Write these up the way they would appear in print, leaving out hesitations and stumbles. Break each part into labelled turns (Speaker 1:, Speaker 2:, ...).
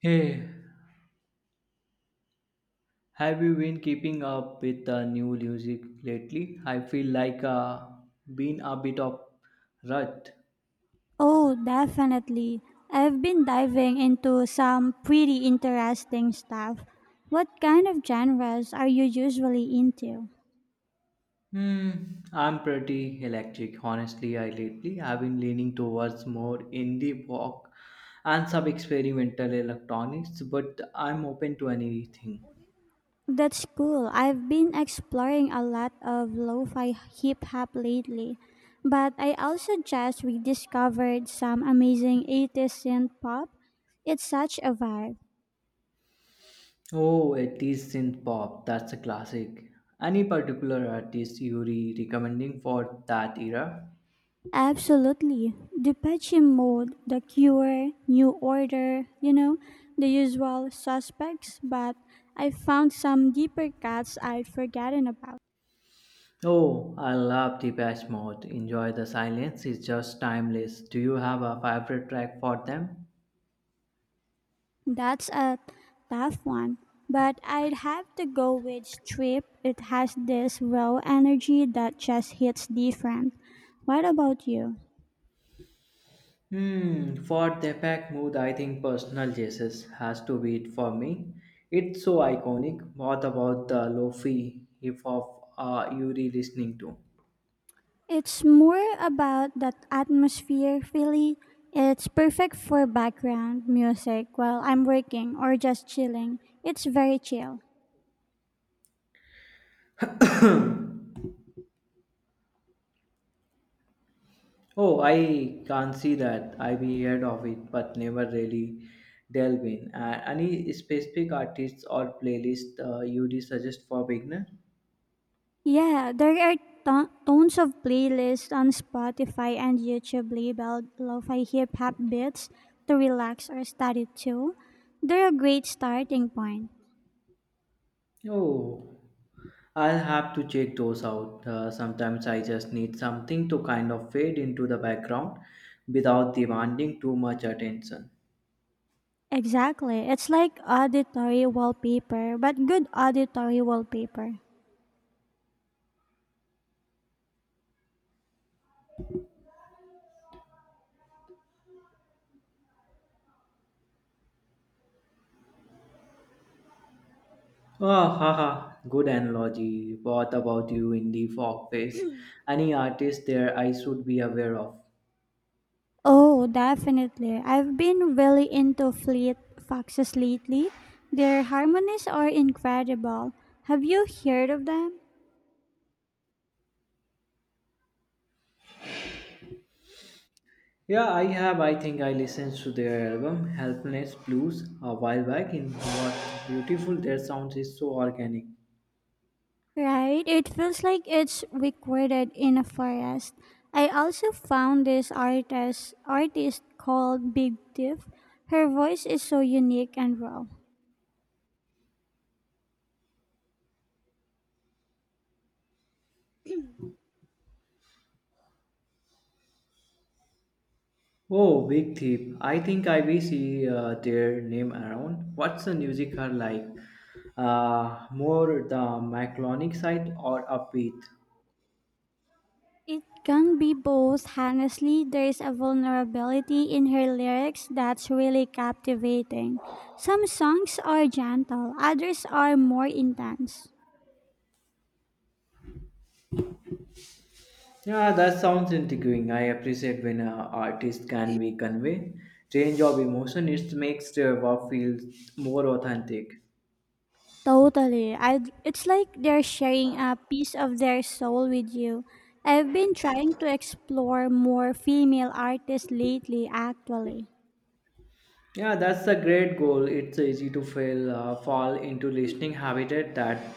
Speaker 1: Hey, have you been keeping up with the new music lately? I feel like been a bit of rut.
Speaker 2: Oh, definitely. I've been diving into some pretty interesting stuff. What kind of genres are you usually into?
Speaker 1: Hmm, I'm pretty electric, honestly. I lately I have been leaning towards more indie rock and some experimental electronics, but I'm open to anything.
Speaker 2: That's cool. I've been exploring a lot of lo-fi hip hop lately, but I also just rediscovered some amazing 80s synth pop. It's such a vibe.
Speaker 1: Oh, it is synth pop. That's a classic. Any particular artist you re recommending for that era?
Speaker 2: Absolutely. Depeche Mode, The Cure, New Order, the usual suspects, but I found some deeper cuts I'd forgotten about.
Speaker 1: Oh, I love Depeche Mode. Enjoy the silence is just timeless. Do you have a favorite track for them?
Speaker 2: That's a tough one, but I'd have to go with Strip. It has this raw energy that just hits different. What about you?
Speaker 1: Hmm, for Depeche mood, I think Personal Jesus has to be it for me. It's so iconic. What about the lo-fi hip hop are you re listening to?
Speaker 2: It's more about that atmosphere, really. It's perfect for background music while I'm working or just chilling. It's very chill.
Speaker 1: Oh, I can't see that. I've heard of it, but never really delve in. And any specific artists or playlist you would suggest for beginner?
Speaker 2: Yeah, there are tons of playlists on Spotify and YouTube labeled lo-fi hip-hop beats to relax or study to. They're a great starting point.
Speaker 1: Oh, I'll have to check those out. Sometimes I just need something to kind of fade into the background without demanding too much attention.
Speaker 2: Exactly. It's like auditory wallpaper, but good auditory wallpaper.
Speaker 1: Ah, ha, ha. Good analogy. What about you in the fog face? Any artist there I should be aware of?
Speaker 2: Oh, definitely. I've been really into Fleet Foxes lately. Their harmonies are incredible. Have you heard of them?
Speaker 1: Yeah, I have. I think I listened to their album Helpless Blues a while back. In what beautiful their sound is so organic.
Speaker 2: Right? It feels like it's recorded in a forest. I also found this artist called Big Thief. Her voice is so unique and raw.
Speaker 1: Oh, Big Thief. I think I will see their name around. What's the music are like? More the Maclonic side or upbeat?
Speaker 2: It can be both. Honestly, there is a vulnerability in her lyrics that's really captivating. Some songs are gentle, others are more intense.
Speaker 1: Yeah, that sounds intriguing. I appreciate when an artist can be convey range of emotion. It makes their work feel more authentic.
Speaker 2: Totally. It's like they're sharing a piece of their soul with you. I've been trying to explore more female artists lately, actually.
Speaker 1: Yeah, that's a great goal. It's easy to fail, fall into listening habitat that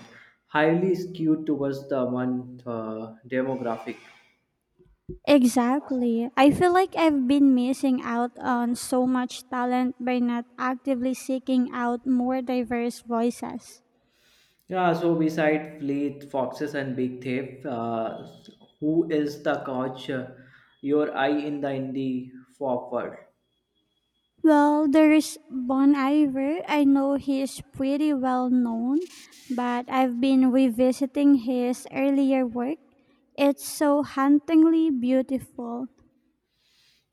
Speaker 1: highly skewed towards the one demographic.
Speaker 2: Exactly. I feel like I've been missing out on so much talent by not actively seeking out more diverse voices.
Speaker 1: Yeah, so beside Fleet, Foxes, and Big Thief, who is the coach? Your eye in the indie forward.
Speaker 2: Well, there's Bon Iver. I know he's pretty well known, but I've been revisiting his earlier work. It's so hauntingly beautiful.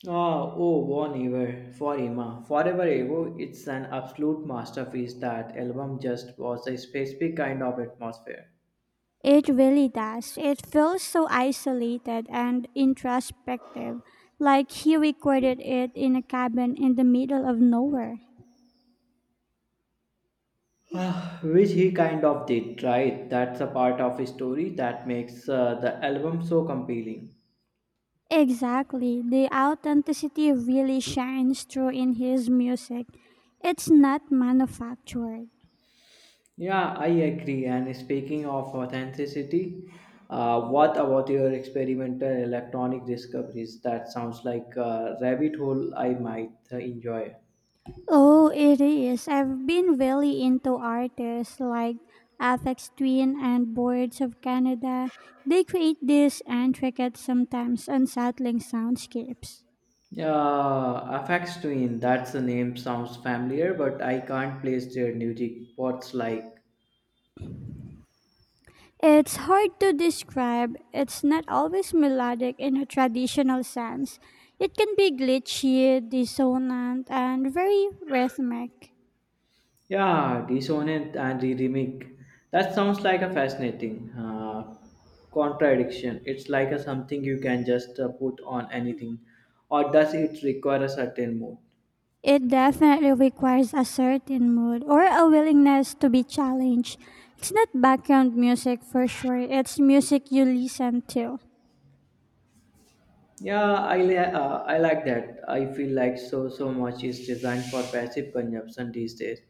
Speaker 1: Ah, oh, Bon Iver, Forever, Forever Evo. It's an absolute masterpiece. That album just was a specific kind of atmosphere,
Speaker 2: It really does. It feels so isolated and introspective, like he recorded it in a cabin in the middle of nowhere.
Speaker 1: ah, which he kind of did. Right, that's a part of his story that makes the album so compelling.
Speaker 2: Exactly. The authenticity really shines through in his music. It's not manufactured.
Speaker 1: Yeah, I agree. And speaking of authenticity, what about your experimental electronic discoveries? That sounds like a rabbit hole I might enjoy.
Speaker 2: Oh, it is. I've been really into artists like Aphex Twin and Boards of Canada. They create these intricate, sometimes unsettling soundscapes.
Speaker 1: Yeah, FX Twin, that's the name, sounds familiar, but I can't place their music. What's like?
Speaker 2: It's hard to describe. It's not always melodic in a traditional sense. It can be glitchy, dissonant, and very rhythmic.
Speaker 1: Yeah, Dissonant and Rhythmic. That sounds like a fascinating contradiction. It's like a something you can just put on anything, or does it require a certain mood?
Speaker 2: It definitely requires a certain mood or a willingness to be challenged. It's not background music for sure, it's music you listen to.
Speaker 1: Yeah, I like that. I feel like so much is designed for passive consumption these days.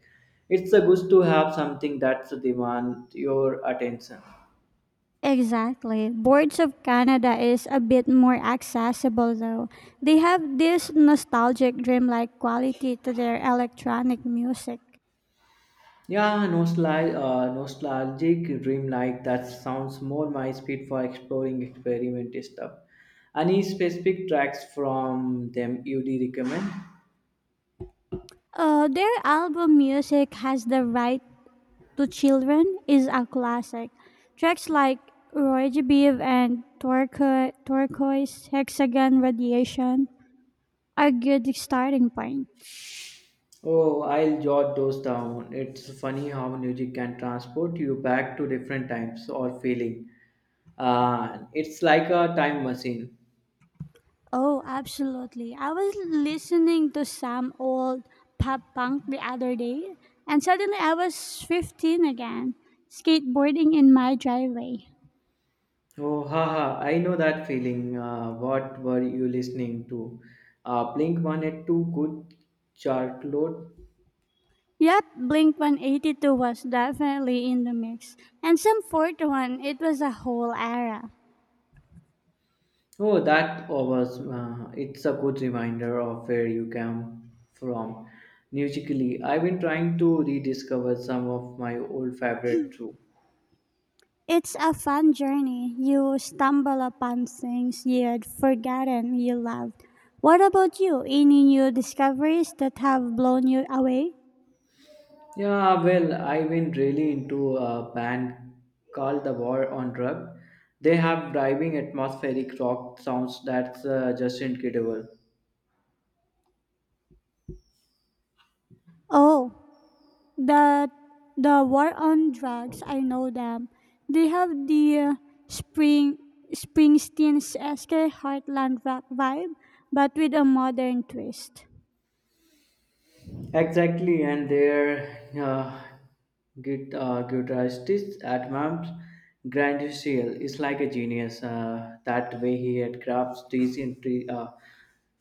Speaker 1: It's a good to have something that demand your attention.
Speaker 2: Exactly. Boards of Canada is a bit more accessible though. They have this nostalgic dreamlike quality to their electronic music.
Speaker 1: Yeah, nostalgic, nostalgic dream like that sounds more my speed for exploring experiment stuff. Any specific tracks from them you'd recommend?
Speaker 2: Their album Music Has the Right to Children is a classic. Tracks like Roy Beef and Turquoise Hexagon Radiation are good starting points.
Speaker 1: Oh, I'll jot those down. It's funny how music can transport you back to different times or feeling. It's like a time machine.
Speaker 2: Oh, absolutely. I was listening to some old pop punk the other day, and suddenly I was 15 again, skateboarding in my driveway.
Speaker 1: Oh, haha, I know that feeling. What were you listening to? Blink 182 good chart load.
Speaker 2: Yep, Blink 182 was definitely in the mix. And some 41, it was a whole era.
Speaker 1: Oh, that was, it's a good reminder of where you came from. Musically, I've been trying to rediscover some of my old favorite too.
Speaker 2: It's a fun journey. You stumble upon things you'd forgotten you loved. What about you? Any new discoveries that have blown you away?
Speaker 1: Yeah, well, I've been really into a band called The War on Drug. They have driving atmospheric rock sounds that's just incredible.
Speaker 2: Oh, the the war on drugs. I know them. They have the Spring Springsteen's Esker Heartland rock vibe, but with a modern twist.
Speaker 1: Exactly, and their guitarist at Mams Grandiciel is like a genius. That way, he had crafts these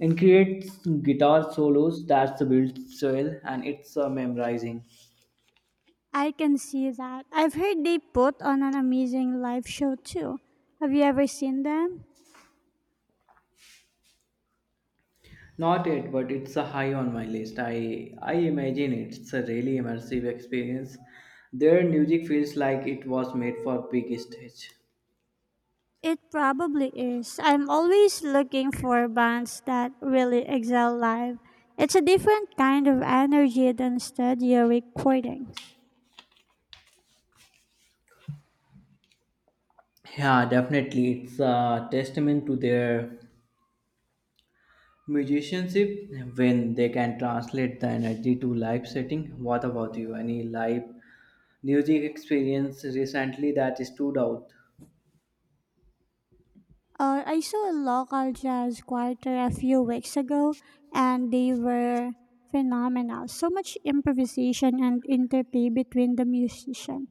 Speaker 1: and creates guitar solos that's the build soil and it's memorizing.
Speaker 2: I can see that. I've heard they put on an amazing live show too. Have you ever seen them?
Speaker 1: Not yet, but it's a high on my list. I imagine it's a really immersive experience. Their music feels like it was made for big stage.
Speaker 2: It probably is. I'm always looking for bands that really excel live. It's a different kind of energy than studio recordings.
Speaker 1: Yeah, definitely, it's a testament to their musicianship when they can translate the energy to live setting. What about you? Any live music experience recently that stood out?
Speaker 2: I saw a local jazz quartet a few weeks ago, and they were phenomenal. So much improvisation and interplay between the musicians.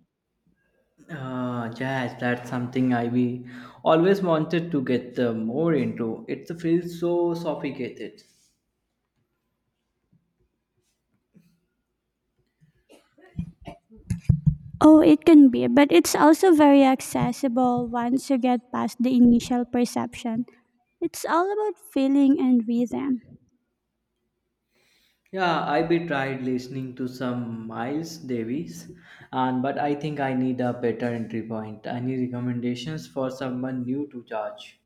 Speaker 1: Jazz, that's something I we always wanted to get more into. It feels so sophisticated.
Speaker 2: Oh, it can be, but it's also very accessible once you get past the initial perception. It's all about feeling and rhythm.
Speaker 1: Yeah, I be tried listening to some Miles Davis, and but I think I need a better entry point. Any recommendations for someone new to charge?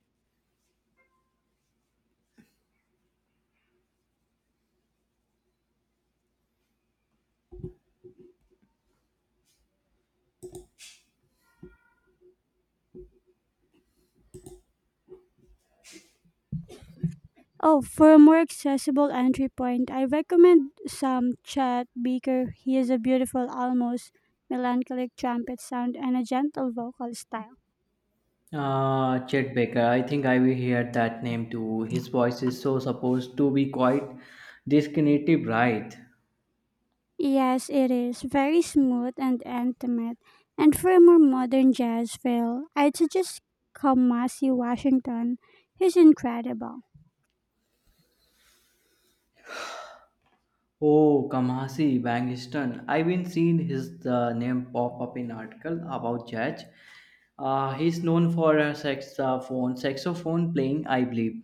Speaker 2: Oh, for a more accessible entry point, I recommend Sam Chet Baker. He has a beautiful, almost melancholic trumpet sound and a gentle vocal style.
Speaker 1: Chet Baker. I think I will hear that name too. His voice is so supposed to be quite discriminative, right?
Speaker 2: Yes, it is very smooth and intimate. And for a more modern jazz feel, I'd suggest Kamasi Washington. He's incredible.
Speaker 1: Oh, Kamasi Bangistan. I've been seeing his name pop up in article about Judge. He's known for her saxophone playing, I believe.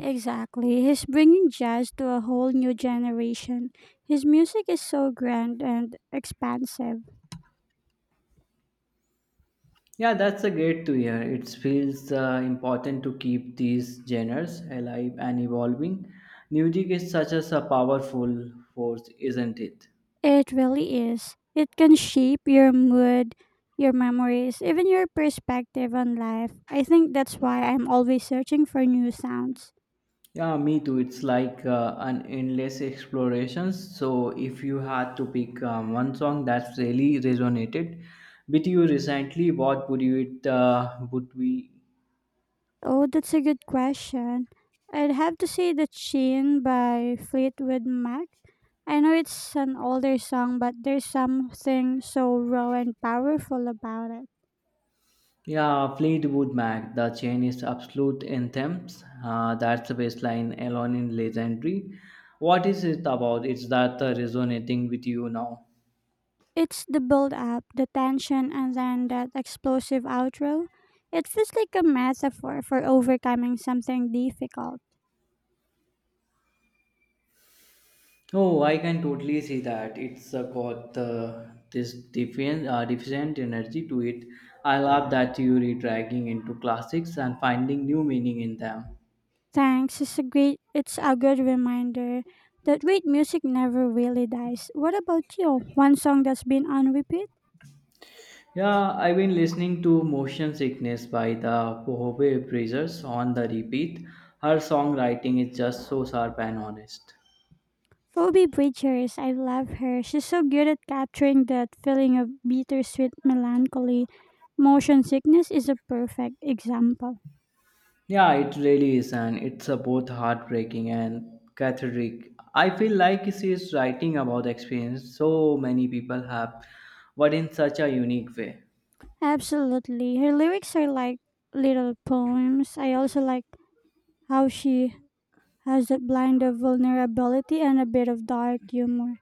Speaker 2: Exactly. He's bringing jazz to a whole new generation. His music is so grand and expansive.
Speaker 1: Yeah, that's a great to hear. It feels important to keep these genres alive and evolving. Music is such as a powerful force, isn't it?
Speaker 2: It really is. It can shape your mood, your memories, even your perspective on life. I think that's why I'm always searching for new sounds.
Speaker 1: Yeah, me too. It's like an endless exploration. So if you had to pick one song that's really resonated with you recently, what would you it would we?
Speaker 2: Oh, that's a good question. I'd have to say The Chain by Fleetwood Mac. I know it's an older song, but there's something so raw and powerful about it.
Speaker 1: Yeah, Fleetwood Mac, the chain is absolute anthems. That's the baseline alone in legendary. What is it about? It's that resonating with you now?
Speaker 2: It's the build up, the tension, and then that explosive outro. It feels like a metaphor for overcoming something difficult.
Speaker 1: Oh, I can totally see that. It's got this deficient energy to it. I love that you are dragging into classics and finding new meaning in them.
Speaker 2: Thanks. It's a great it's a good reminder that great music never really dies. What about you? One song that's been on repeat?
Speaker 1: Yeah, I've been listening to Motion Sickness by the Pohove Brazers on the repeat. Her songwriting is just so sharp and honest.
Speaker 2: Phoebe Bridgers, I love her. She's so good at capturing that feeling of bittersweet melancholy. Motion Sickness is a perfect example.
Speaker 1: Yeah, it really is, and it's a both heartbreaking and cathartic. I feel like she is writing about the experience so many people have, but in such a unique way.
Speaker 2: Absolutely. Her lyrics are like little poems. I also like how she has that blend of vulnerability and a bit of dark humor.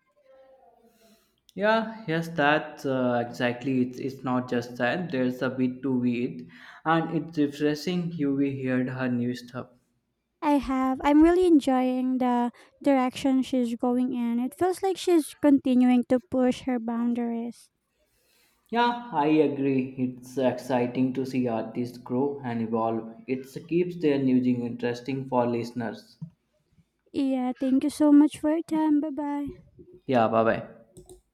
Speaker 1: Yeah, yes, that's exactly. It's not just that. There's a bit to it, and it's refreshing. You we heard her new stuff.
Speaker 2: I have. I'm really enjoying the direction she's going in. It feels like she's continuing to push her boundaries.
Speaker 1: Yeah, I agree. It's exciting to see artists grow and evolve. It keeps their music interesting for listeners.
Speaker 2: Yeah, thank you so much for your time. Bye bye.
Speaker 1: Yeah, bye bye.